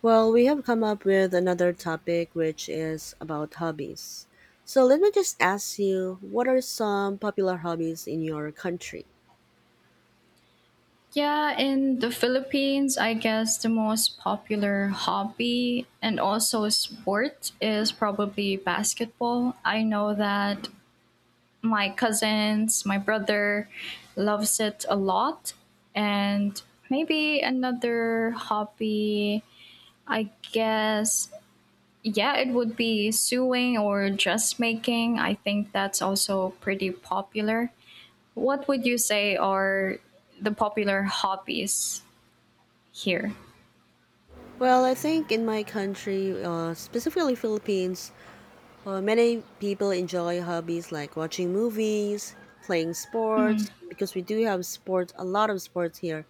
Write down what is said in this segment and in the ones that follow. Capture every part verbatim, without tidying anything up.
Well, we have come up with another topic which is about hobbies. So let me just ask you, what are some popular hobbies in your country? Yeah, in the Philippines, I guess the most popular hobby and also sport is probably basketball. I know that my cousins, my brother loves it a lot. And maybe another hobby, I guess, yeah, it would be sewing or dressmaking. I think that's also pretty popular. What would you say are the popular hobbies here? Well, I think in my country, uh, specifically Philippines, uh, many people enjoy hobbies like watching movies, playing Mm, sports, because we do have sports, a lot of sports here,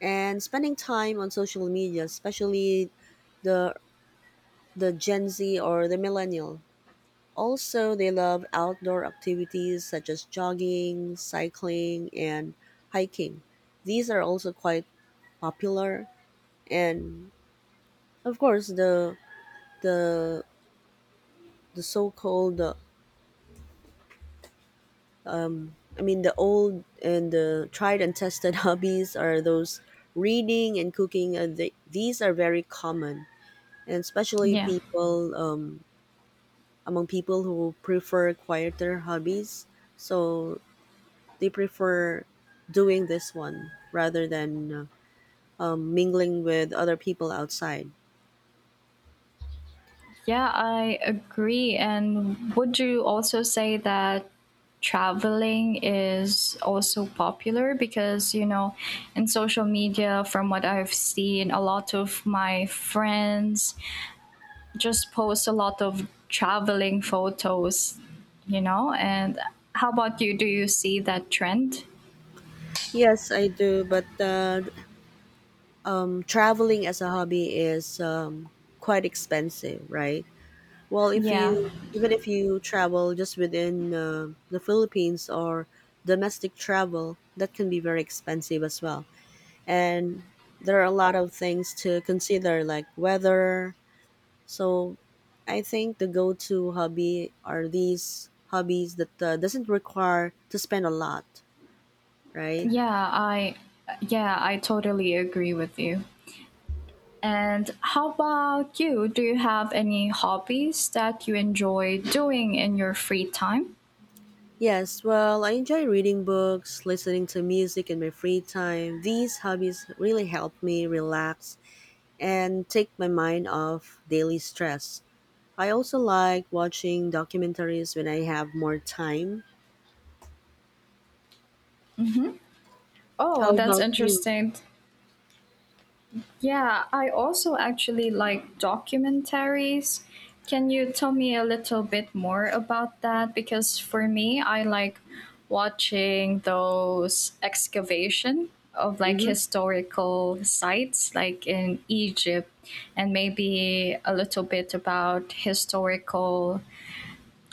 and spending time on social media, especially the the Gen Z or the millennial. Also, they love outdoor activities such as jogging, cycling, and hiking. These are also quite popular, and of course, the the the so-called uh, I mean, the old and the tried and tested hobbies are those reading and cooking. And they, these are very common, and especially yeah. people um, among people who prefer quieter hobbies. So they prefer doing this one rather than uh, um, mingling with other people outside. Yeah, I agree. And would you also say that traveling is also popular? Because, you know, in social media, from what I've seen, a lot of my friends just post a lot of traveling photos, you know? And how about you? Do you see that trend? Yes, I do, but uh, um, traveling as a hobby is um, quite expensive, right? Well, if Yeah. you even if you travel just within uh, the Philippines or domestic travel, that can be very expensive as well. And there are a lot of things to consider, like weather. So I think the go-to hobby are these hobbies that uh, doesn't require to spend a lot, right? Yeah, I yeah, I totally agree with you. And how about you? Do you have any hobbies that you enjoy doing in your free time? Yes, well, I enjoy reading books, listening to music in my free time. These hobbies really help me relax and take my mind off daily stress. I also like watching documentaries when I have more time. Oh, How that's about you? interesting. Yeah, I also actually like documentaries. Can you tell me a little bit more about that? Because for me, I like watching those excavation of like Mhm. historical sites like in Egypt and maybe a little bit about historical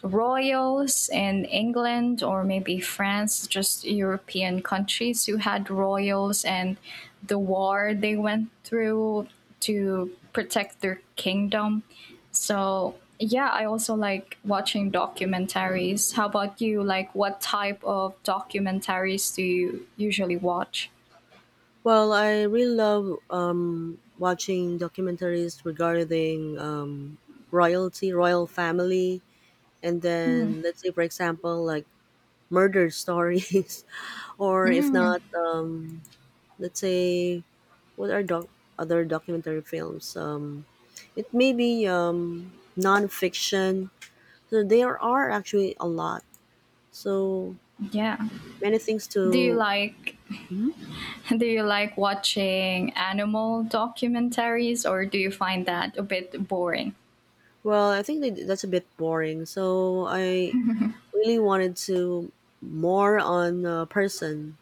royals in England or maybe France, just European countries who had royals and the war they went through to protect their kingdom. So, yeah, I also like watching documentaries. How about you? Like, what type of documentaries do you usually watch? Well, I really love um, watching documentaries regarding um, royalty, royal family, and then let's say, for example, like murder stories, or if Mm, not, um, let's say, what are doc- other documentary films? Um, it may be um, nonfiction. So there are actually a lot. So yeah. many things Do you to. like Mhm. do you like watching animal documentaries or do you find that a bit boring? Well, I think that that's a bit boring. So I really wanted to more on a person.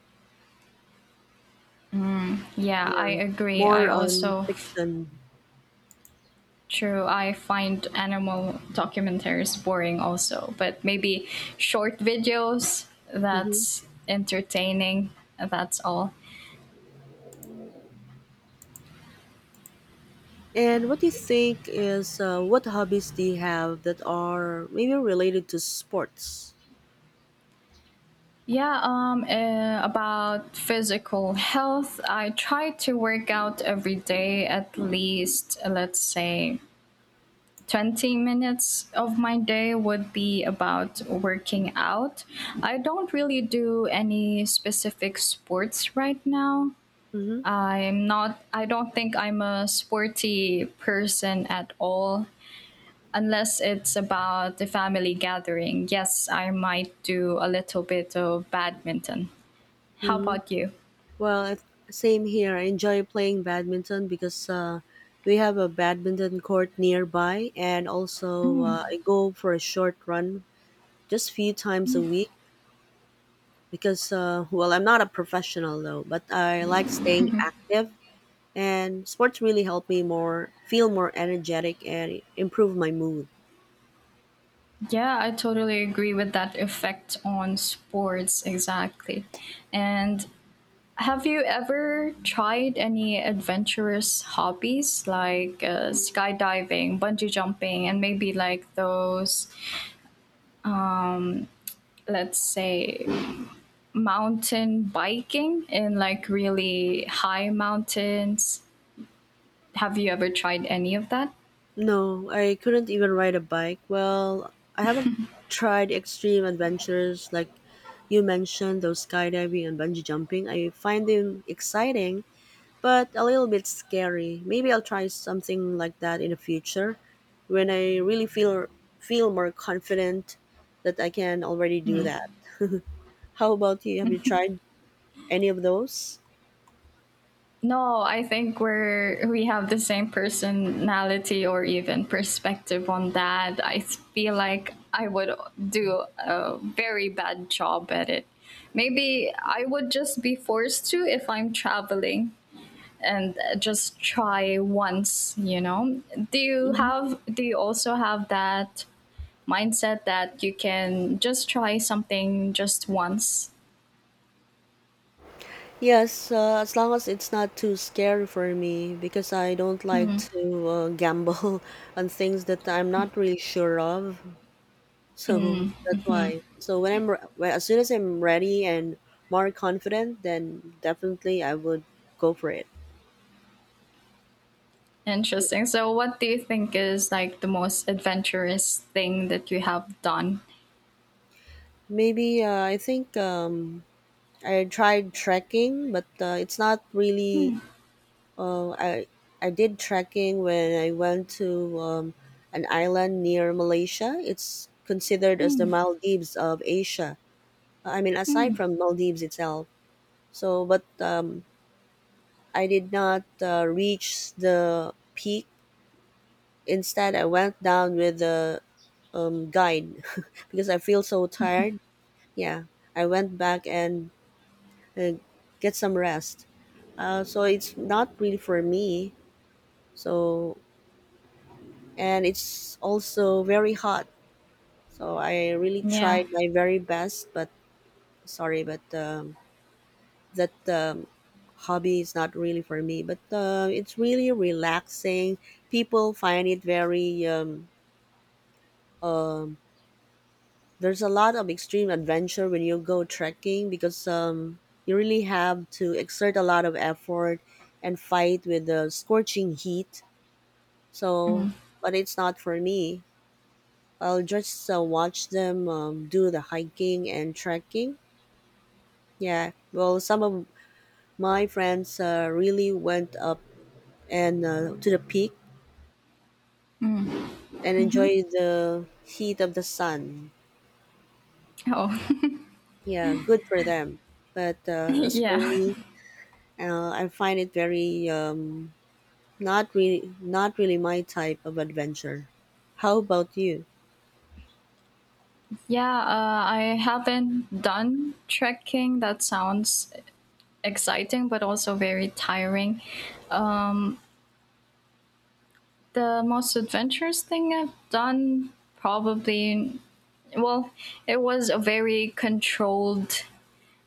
Yeah, I Yeah, agree. I more on also fiction. True. I find animal documentaries boring also, but maybe short videos Hmm. that's entertaining. That's all. And what do you think is uh, what hobbies do you have that are maybe related to sports? Yeah, um uh, about physical health, I try to work out every day at least uh, let's say twenty minutes of my day would be about working out. I don't really do any specific sports right now. Mm-hmm. I'm not I don't think I'm a sporty person at all unless it's about the family gathering. Yes, I might do a little bit of badminton. How Mm-hmm. about you? Well, I- same here. I enjoy playing badminton because uh, we have a badminton court nearby, and also uh, I go for a short run just few times a week because uh, well, I'm not a professional though, but I like staying active and sports really helped me more feel more energetic and improve my mood. Yeah, I totally agree with that effect on sports exactly. And have you ever tried any adventurous hobbies like uh, skydiving, bungee jumping, and maybe like those, let's say, mountain biking in like really high mountains. Have you ever tried any of that? No, I couldn't even ride a bike. Well, I haven't tried extreme adventures like you mentioned, those skydiving and bungee jumping. I find them exciting, but a little bit scary. Maybe I'll try something like that in the future when I really feel feel more confident that I can already do that. How about you? Have you tried any of those? No, I think we're we have the same personality or even perspective on that. I feel like I would do a very bad job at it. Maybe I would just be forced to if I'm traveling and uh, just try once, you know. Do you have do you also have that mindset that you can just try something just once. Yes, uh, as long as it's not too scary for me because I don't like to uh, gamble on things that I'm not really sure of. So that's why. So when I'm re- well, as soon as I'm ready and more confident, then definitely I would go for it. Interesting. So, what do you think is like the most adventurous thing that you have done? Maybe uh, I think um, I tried trekking, but uh, it's not really Oh, I I did trekking when I went to um, an island near Malaysia. It's considered as the Maldives of Asia. I mean, aside from Maldives itself. So, but um, I did not uh, reach the peak. Instead, I went down with the um, guide because I feel so tired. Yeah, I went back and uh, get some rest. Uh, so it's not really for me. So and it's also very hot. So I really Yeah. tried my very best, but sorry, but um, that um, hobby is not really for me. But uh, it's really relaxing. People find it very. Um, um, there's a lot of extreme adventure when you go trekking because um, you really have to exert a lot of effort and fight with the scorching heat. So, but it's not for me. I'll just uh, watch them um, do the hiking and trekking. Yeah, well, some of my friends uh, really went up and uh, to the peak and enjoyed the heat of the sun. Oh, Yeah, good for them. But uh, as for yeah. me, uh, I find it very um, not really not really my type of adventure. How about you? Yeah, uh, I haven't done trekking. That sounds exciting, but also very tiring. The most adventurous thing I've done probably, well, it was a very controlled,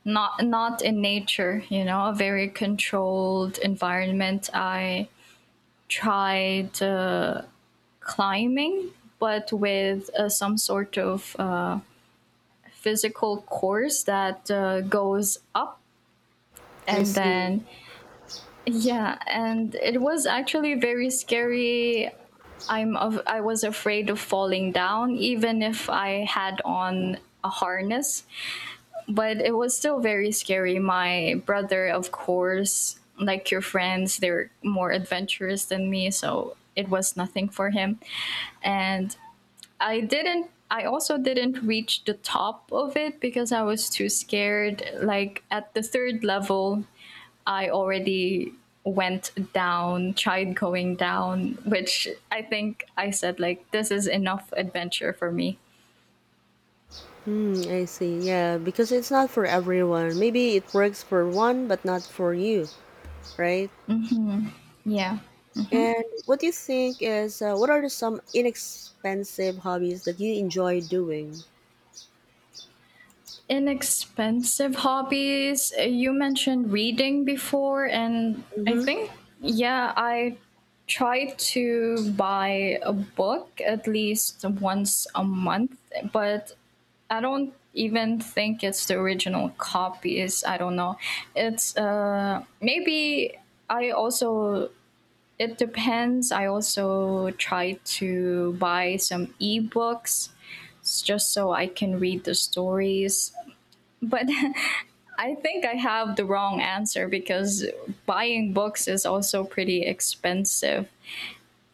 not not in nature, you know a very controlled environment. I tried uh, climbing, but with uh, some sort of uh, physical course that uh, goes up. I And see. then, yeah, and it was actually very scary. i'm of, I was afraid of falling down even if I had on a harness, but it was still very scary. My brother, of course, like your friends, they're more adventurous than me, so it was nothing for him. And I didn't I also didn't reach the top of it because I was too scared. Like at the third level, I already went down, tried going down, which I think I said like this is enough adventure for me. Hmm, I see. Yeah, because it's not for everyone. Maybe it works for one, but not for you, right? Yeah. And what do you think is uh, what are the, some inexpensive hobbies that you enjoy doing? Inexpensive hobbies. uh, You mentioned reading before, and I Hmm. think, yeah, I try to buy a book at least once a month, but I don't even think it's the original copies. I don't know. It's uh, maybe I also. It depends. I also try to buy some ebooks s- just so I can read the stories. But I think I have the wrong answer because buying books is also pretty expensive.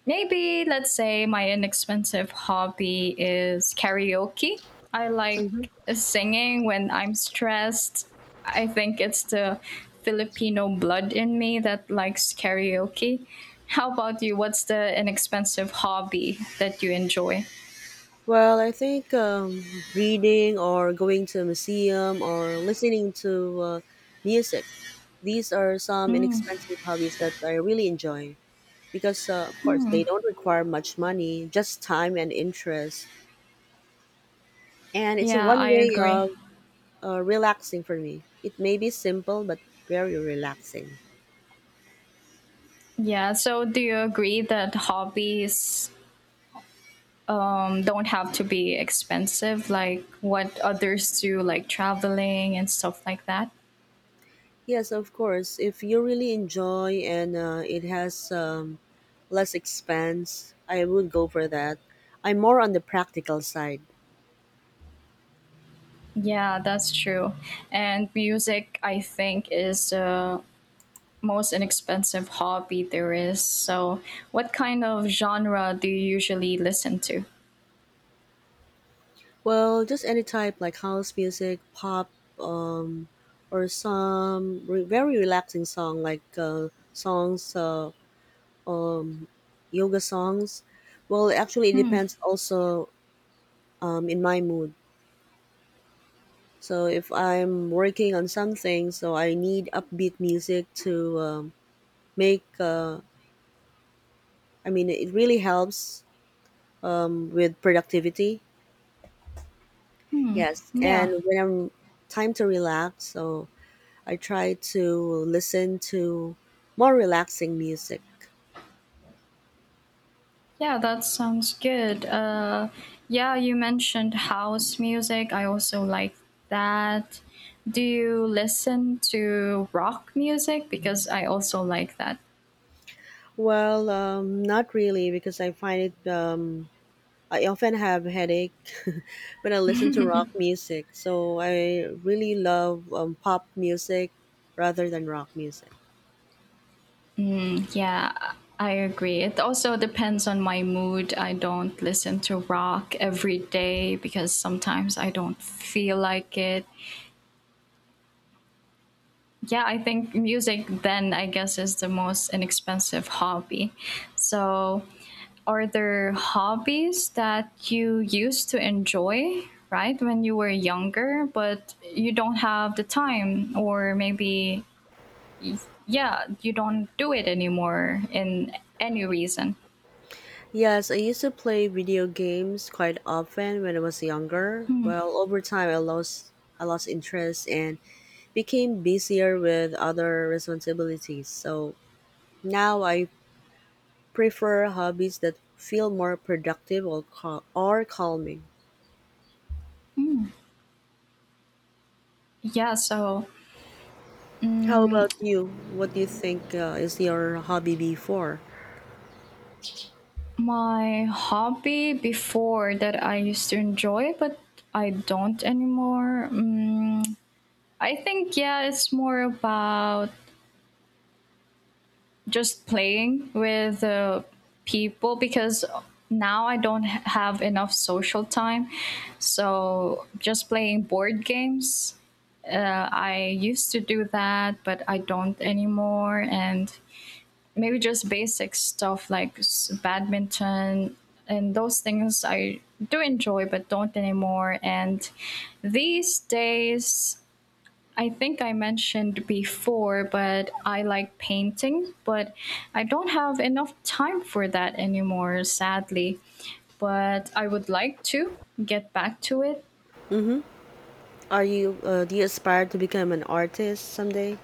Maybe, let's say, my inexpensive hobby is karaoke. I like Hmm. singing when I'm stressed. I think it's the Filipino blood in me that likes karaoke. How about you? What's the inexpensive hobby that you enjoy? Well, I think um, reading or going to a museum or listening to uh, music. These are some inexpensive hobbies that I really enjoy because, uh, of course, they don't require much money, just time and interest. And it's a Yeah, one I way agree. of uh, relaxing for me. It may be simple, but very relaxing. Yeah, so do you agree that hobbies um, don't have to be expensive like what others do, like traveling and stuff like that? Yes, of course. If you really enjoy and uh, it has um, less expense, I would go for that. I'm more on the practical side. Yeah, that's true. And music, I think, is the most inexpensive hobby there is. So what kind of genre do you usually listen to? Well, just any type like house music, pop, um, or some re- very relaxing song like uh, songs, uh, yoga songs. Well, actually, it depends also um, in my mood. So if I'm working on something, so I need upbeat music to um, make uh, I mean, it really helps um, with productivity. Yes, Yeah. and when I'm time to relax, so I try to listen to more relaxing music. Yeah, that sounds good. Uh yeah, you mentioned house music. I also like that. Do you listen to rock music, because I also like that? Well, um, not really because I find it. Um, I often have headache when I listen to rock music, so I really love um, pop music rather than rock music. Yeah, I agree. It also depends on my mood. I don't listen to rock every day because sometimes I don't feel like it. Yeah, I think music then, I guess, is the most inexpensive hobby. So, are there hobbies that you used to enjoy, right, when you were younger, but you don't have the time, or maybe, yeah, you don't do it anymore in any reason? Yes, I used to play video games quite often when I was younger. Well, over time I lost I lost interest and became busier with other responsibilities. So now I prefer hobbies that feel more productive or, cal- or calming. Yeah, so How mm, about you? What do you think uh, is your hobby before? my hobby before that I used to enjoy, but I don't anymore. Mm, I think, yeah, it's more about just playing with uh, people, because now I don't h- have enough social time. So just playing board games. Uh, I used to do that, but I don't anymore. And maybe just basic stuff like s- badminton, and those things I do enjoy but don't anymore. And these days, I think I mentioned before, but I like painting, but I don't have enough time for that anymore, sadly. But I would like to get back to it. Mm-hmm. Are you uh, do you aspire to become an artist someday?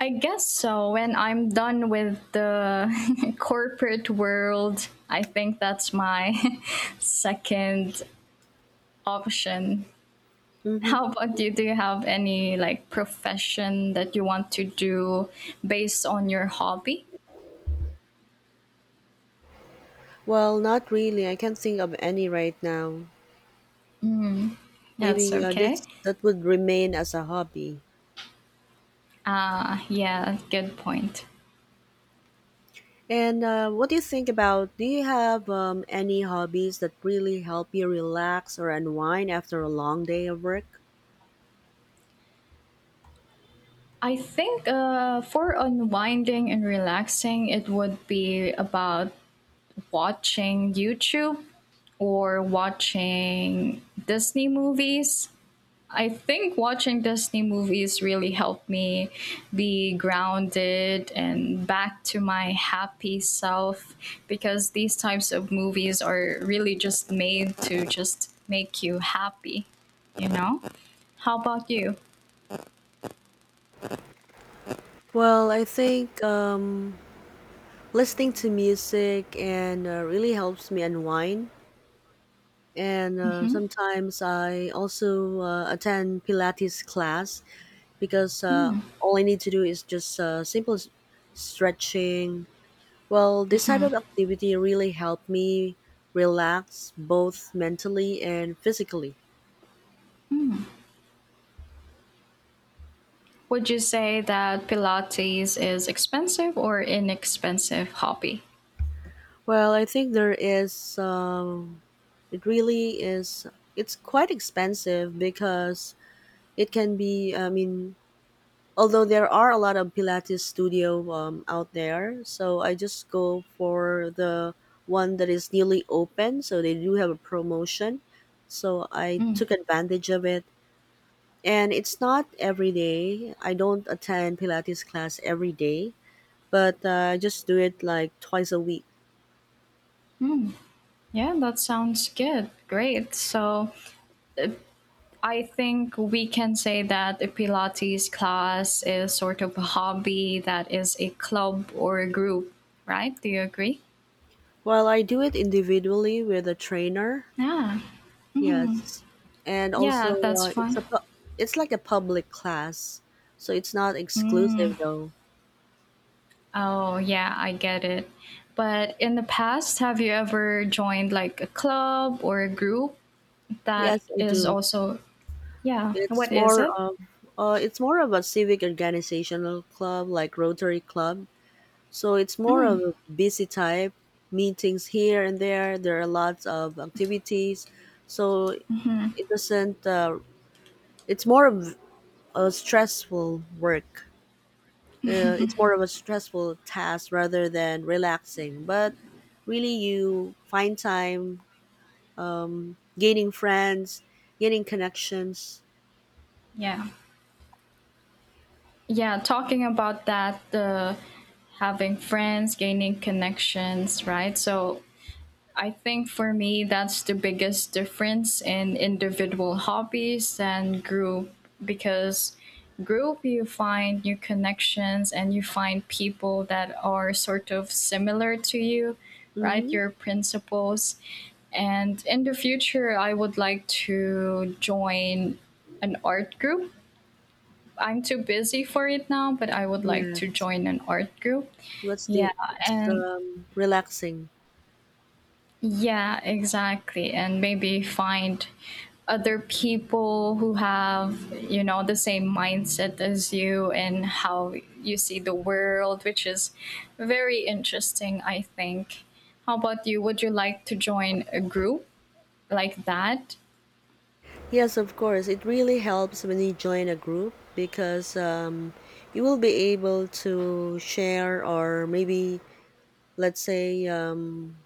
I guess so. When I'm done with the corporate world, I think that's my second option. Mm-hmm. How about you? Do you have any like profession that you want to do based on your hobby? Well, not really. I can't think of any right now. That's Maybe uh, okay. this that would remain as a hobby. Uh, yeah, good point. And uh, what do you think about? Do you have um, any hobbies that really help you relax or unwind after a long day of work? I think uh, for unwinding and relaxing, it would be about watching YouTube or watching Disney movies. I think watching Disney movies really helped me be grounded and back to my happy self, because these types of movies are really just made to just make you happy, you know? How about you? Well, I think um, listening to music and uh, really helps me unwind. And uh, sometimes I also uh, attend Pilates class because uh, all I need to do is just uh, simple s- stretching. Well, this type of activity really helped me relax both mentally and physically. Would you say that Pilates is expensive or inexpensive hobby? Well, I think there is, um, it really is, it's quite expensive because it can be, I mean, although there are a lot of Pilates studio um, out there, so I just go for the one that is newly open, so they do have a promotion. So I took advantage of it and it's not every day. I don't attend Pilates class every day, but uh, I just do it like twice a week. Yeah, that sounds good. Great. So I think we can say that a Pilates class is sort of a hobby that is a club or a group, right? Do you agree? Well, I do it individually with a trainer. Yeah. Yes, and also Yeah, that's uh, it's fine. a pu- it's like a public class, so it's not exclusive though. Oh, yeah, I get it. But in the past, have you ever joined like a club or a group that Yes, I is do. also, yeah, It's what is more it? of uh, it's more of a civic organizational club like Rotary Club. So it's more of a busy type, meetings here and there. There are lots of activities. So it doesn't, uh, it's more of a stressful work. Uh, it's more of a stressful task rather than relaxing. But really, you find time gaining friends, gaining connections. Yeah. Yeah, talking about that, the having friends, gaining connections, right? So I think for me, that's the biggest difference in individual hobbies and group, because group you find new connections and you find people that are sort of similar to you, right? Mm-hmm. Your principles. And in the future, I would like to join an art group. I'm too busy for it now, but I would like to Yes, join an art group. that's Yeah, the, it's and um, relaxing. yeah, exactly. And maybe find other people who have, you know, the same mindset as you, and how you see the world, which is very interesting, I think. How about you? Would you like to join a group like that? Yes, of course. It really helps when you join a group because um, you will be able to share, or maybe, let's say, um,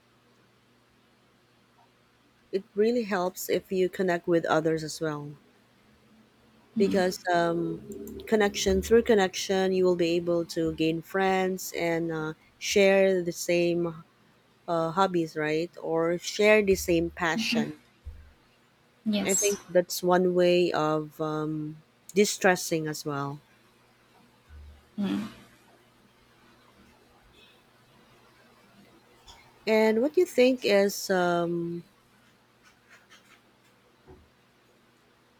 it really helps if you connect with others as well. Because um, connection through connection, you will be able to gain friends and uh, share the same uh, hobbies, right? Or share the same passion. I Yes. think that's one way of um, distressing as well. And what do you think is um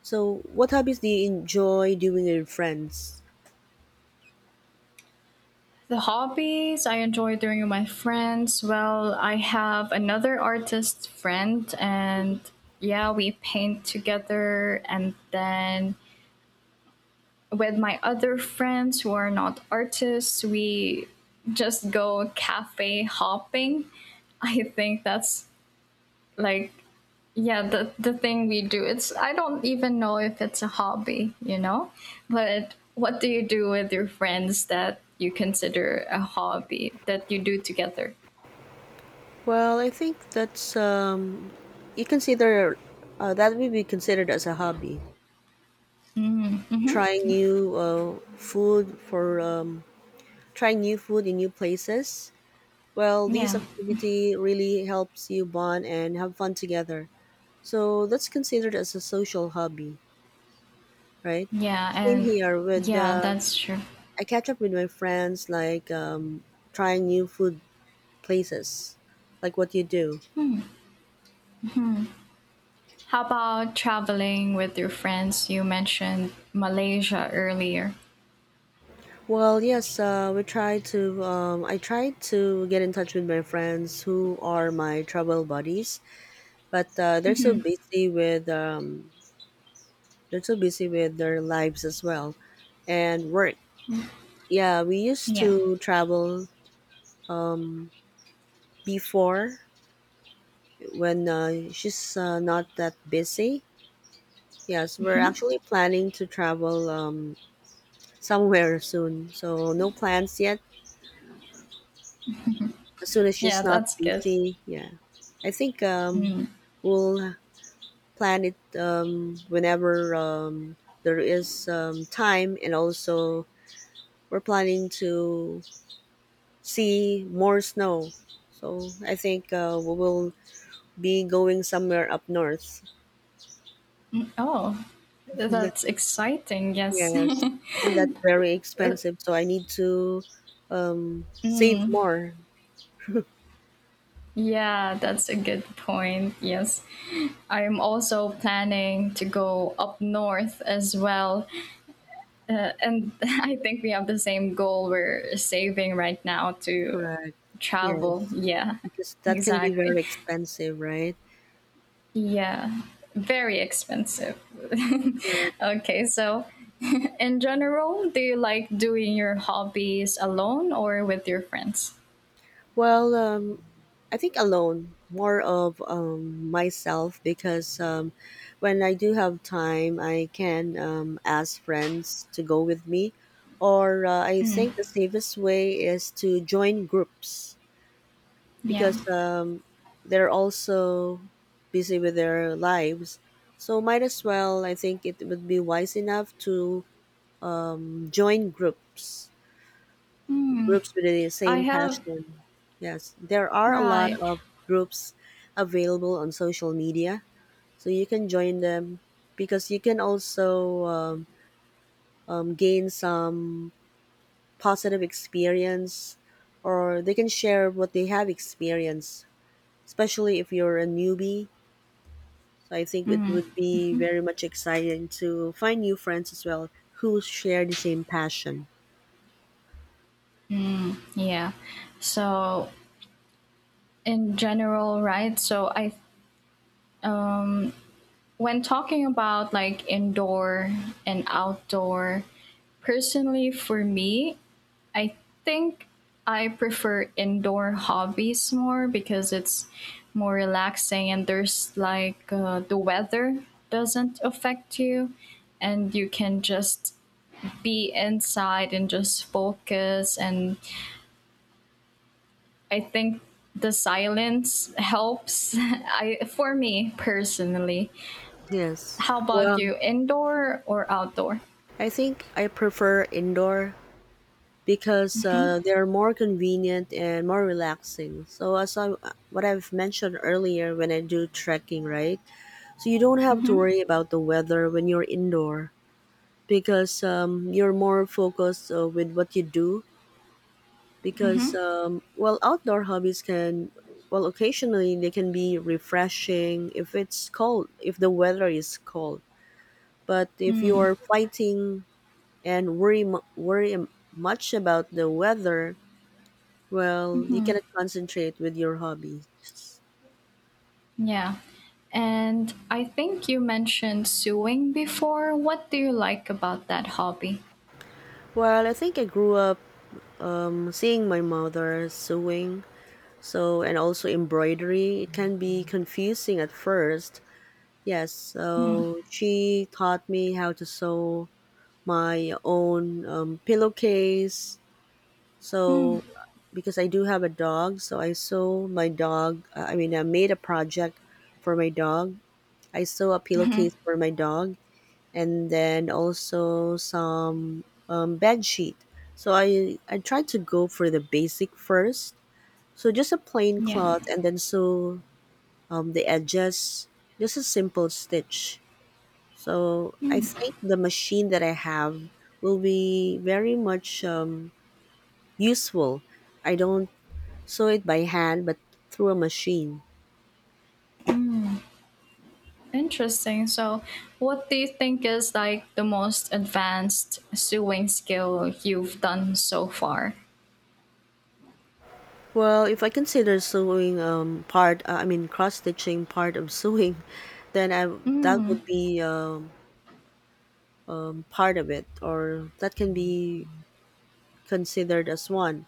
so what hobbies do you enjoy doing with your friends? The hobbies I enjoy doing with my friends. Well, I have another artist friend, and yeah, we paint together. And then with my other friends who are not artists, we just go cafe hopping. I think that's like, yeah, the the thing we do. It's I don't even know if it's a hobby you know But what do you do with your friends that you consider a hobby that you do together? Well, I think that's um you consider uh, that would be considered as a hobby. Trying new uh, food for um trying new food in new places. Well, these Yeah. activity really helps you bond and have fun together. So that's considered as a social hobby, right? Yeah, Same and here with yeah, uh, that's true. I catch up with my friends, like um, trying new food places, like what you do. How about traveling with your friends? You mentioned Malaysia earlier. Well, yes, uh, we try to. Um, I try to get in touch with my friends who are my travel buddies, but uh, they're so busy with um, they're so busy with their lives as well, and work. Yeah, we used Yeah. to travel um, before when uh, she's uh, not that busy. Yes, we're actually planning to travel um, somewhere soon. So no plans yet. As soon as Yeah, she's not that's good. busy, yeah. I think um, we'll plan it um, whenever um, there is um, time, and also we're planning to see more snow. So I think uh, we will be going somewhere up north. Oh, that's That- exciting. Yes. yes, and that's very expensive. So I need to um, save more. Yeah, that's a good point. Yes. I'm also planning to go up north as well. Uh, and I think we have the same goal. We're saving right now to Correct. travel. Yes. Yeah, Because that can be exactly. very expensive, right? Yeah, very expensive. Correct. Okay, so in general, do you like doing your hobbies alone or with your friends? Well, um, I think alone, more of um, myself because um, when I do have time, I can um, ask friends to go with me. Or uh, I think the safest way is to join groups, Yeah. because um, they're also busy with their lives. So, might as well, I think it would be wise enough to um, join groups Hmm. groups with the I same have, passion. Yes, there are a lot right. of groups available on social media, so you can join them, because you can also um, um, gain some positive experience, or they can share what they have experienced, especially if you're a newbie. So I think it would be very much exciting to find new friends as well who share the same passion. Yeah. So in general, right? So I when talking about like indoor and outdoor, personally for me, I think I prefer indoor hobbies more because it's more relaxing, and there's like uh, the weather doesn't affect you, and you can just be inside and just focus. And I think the silence helps. I, for me personally. Yes. How about Well, you? Indoor or outdoor? I think I prefer indoor because uh, they're more convenient and more relaxing. So as I, what I've mentioned earlier, when I do trekking, right? So you don't have to worry about the weather when you're indoor, because um, you're more focused uh, with what you do, because um, well, outdoor hobbies can, well, occasionally they can be refreshing if it's cold, if the weather is cold. But if you're fighting and worry mu- worry m- much about the weather, well, you cannot concentrate with your hobbies. Yeah. And I think you mentioned sewing before. What do you like about that hobby? Well, I think I grew up um, seeing my mother sewing, so, and also embroidery. It can be confusing at first. Yes, so she taught me how to sew my own um, pillowcase. So, because I do have a dog, so I sew my dog. I mean, I made a project for my dog. I saw a pillowcase for my dog, and then also some um, bed sheet. So I, I tried to go for the basic first. So just a plain Yeah. cloth, and then sew um, the edges, just a simple stitch. So I think the machine that I have will be very much um, useful. I don't sew it by hand, but through a machine. Interesting. So, what do you think is like the most advanced sewing skill you've done so far? Well, if I consider sewing um part, uh, I mean cross stitching, part of sewing, then I, that Mm. would be um, part of it, or that can be considered as one,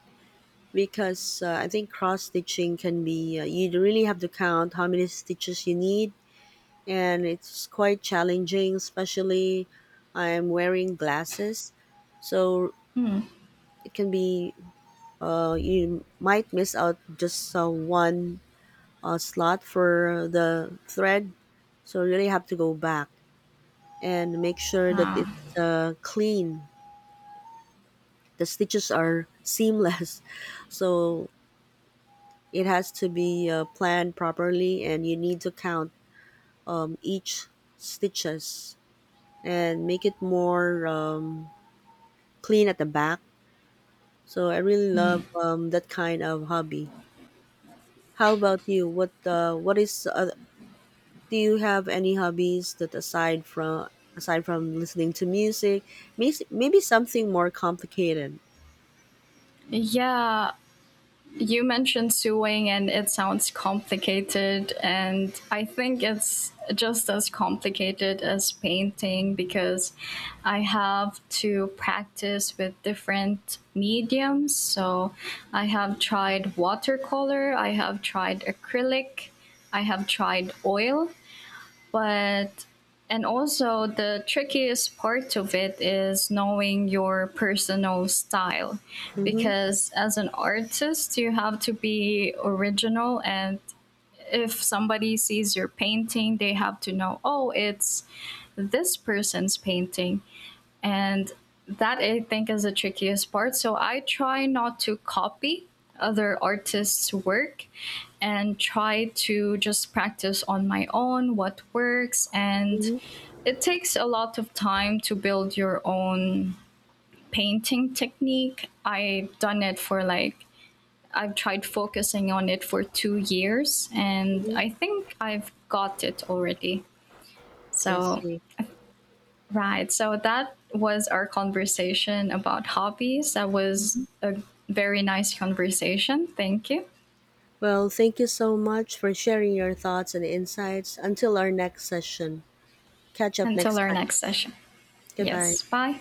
because uh, I think cross stitching can be uh, you really have to count how many stitches you need, and it's quite challenging. Especially, I'm wearing glasses, so it can be uh, you might miss out just uh, one a slot for the thread. So you really have to go back and make sure that it's uh, clean. The stitches are seamless. So it has to be uh, planned properly, and you need to count um, each stitches, and make it more um, clean at the back. So I really love um, that kind of hobby. How about you? What uh, what is uh, Do you have any hobbies that, aside from aside from listening to music, may- maybe something more complicated? Yeah, you mentioned suing, and it sounds complicated, and I think it's just as complicated as painting, because I have to practice with different mediums. So I have tried watercolor, I have tried acrylic, I have tried oil. But and also the trickiest part of it is knowing your personal style, Mm-hmm. because as an artist you have to be original, and if somebody sees your painting they have to know, oh, it's this person's painting. And that, I think, is the trickiest part. So I try not to copy other artists' work and try to just practice on my own what works. And Mm-hmm. it takes a lot of time to build your own painting technique. I've done it for like, I've tried focusing on it for two years, and I think I've got it already. I So. see. Right. So that was our conversation about hobbies. That was a very nice conversation. Thank you. Well, thank you so much for sharing your thoughts and insights. Until our next session. Catch up Until next our time. next session. Goodbye. Yes. Bye.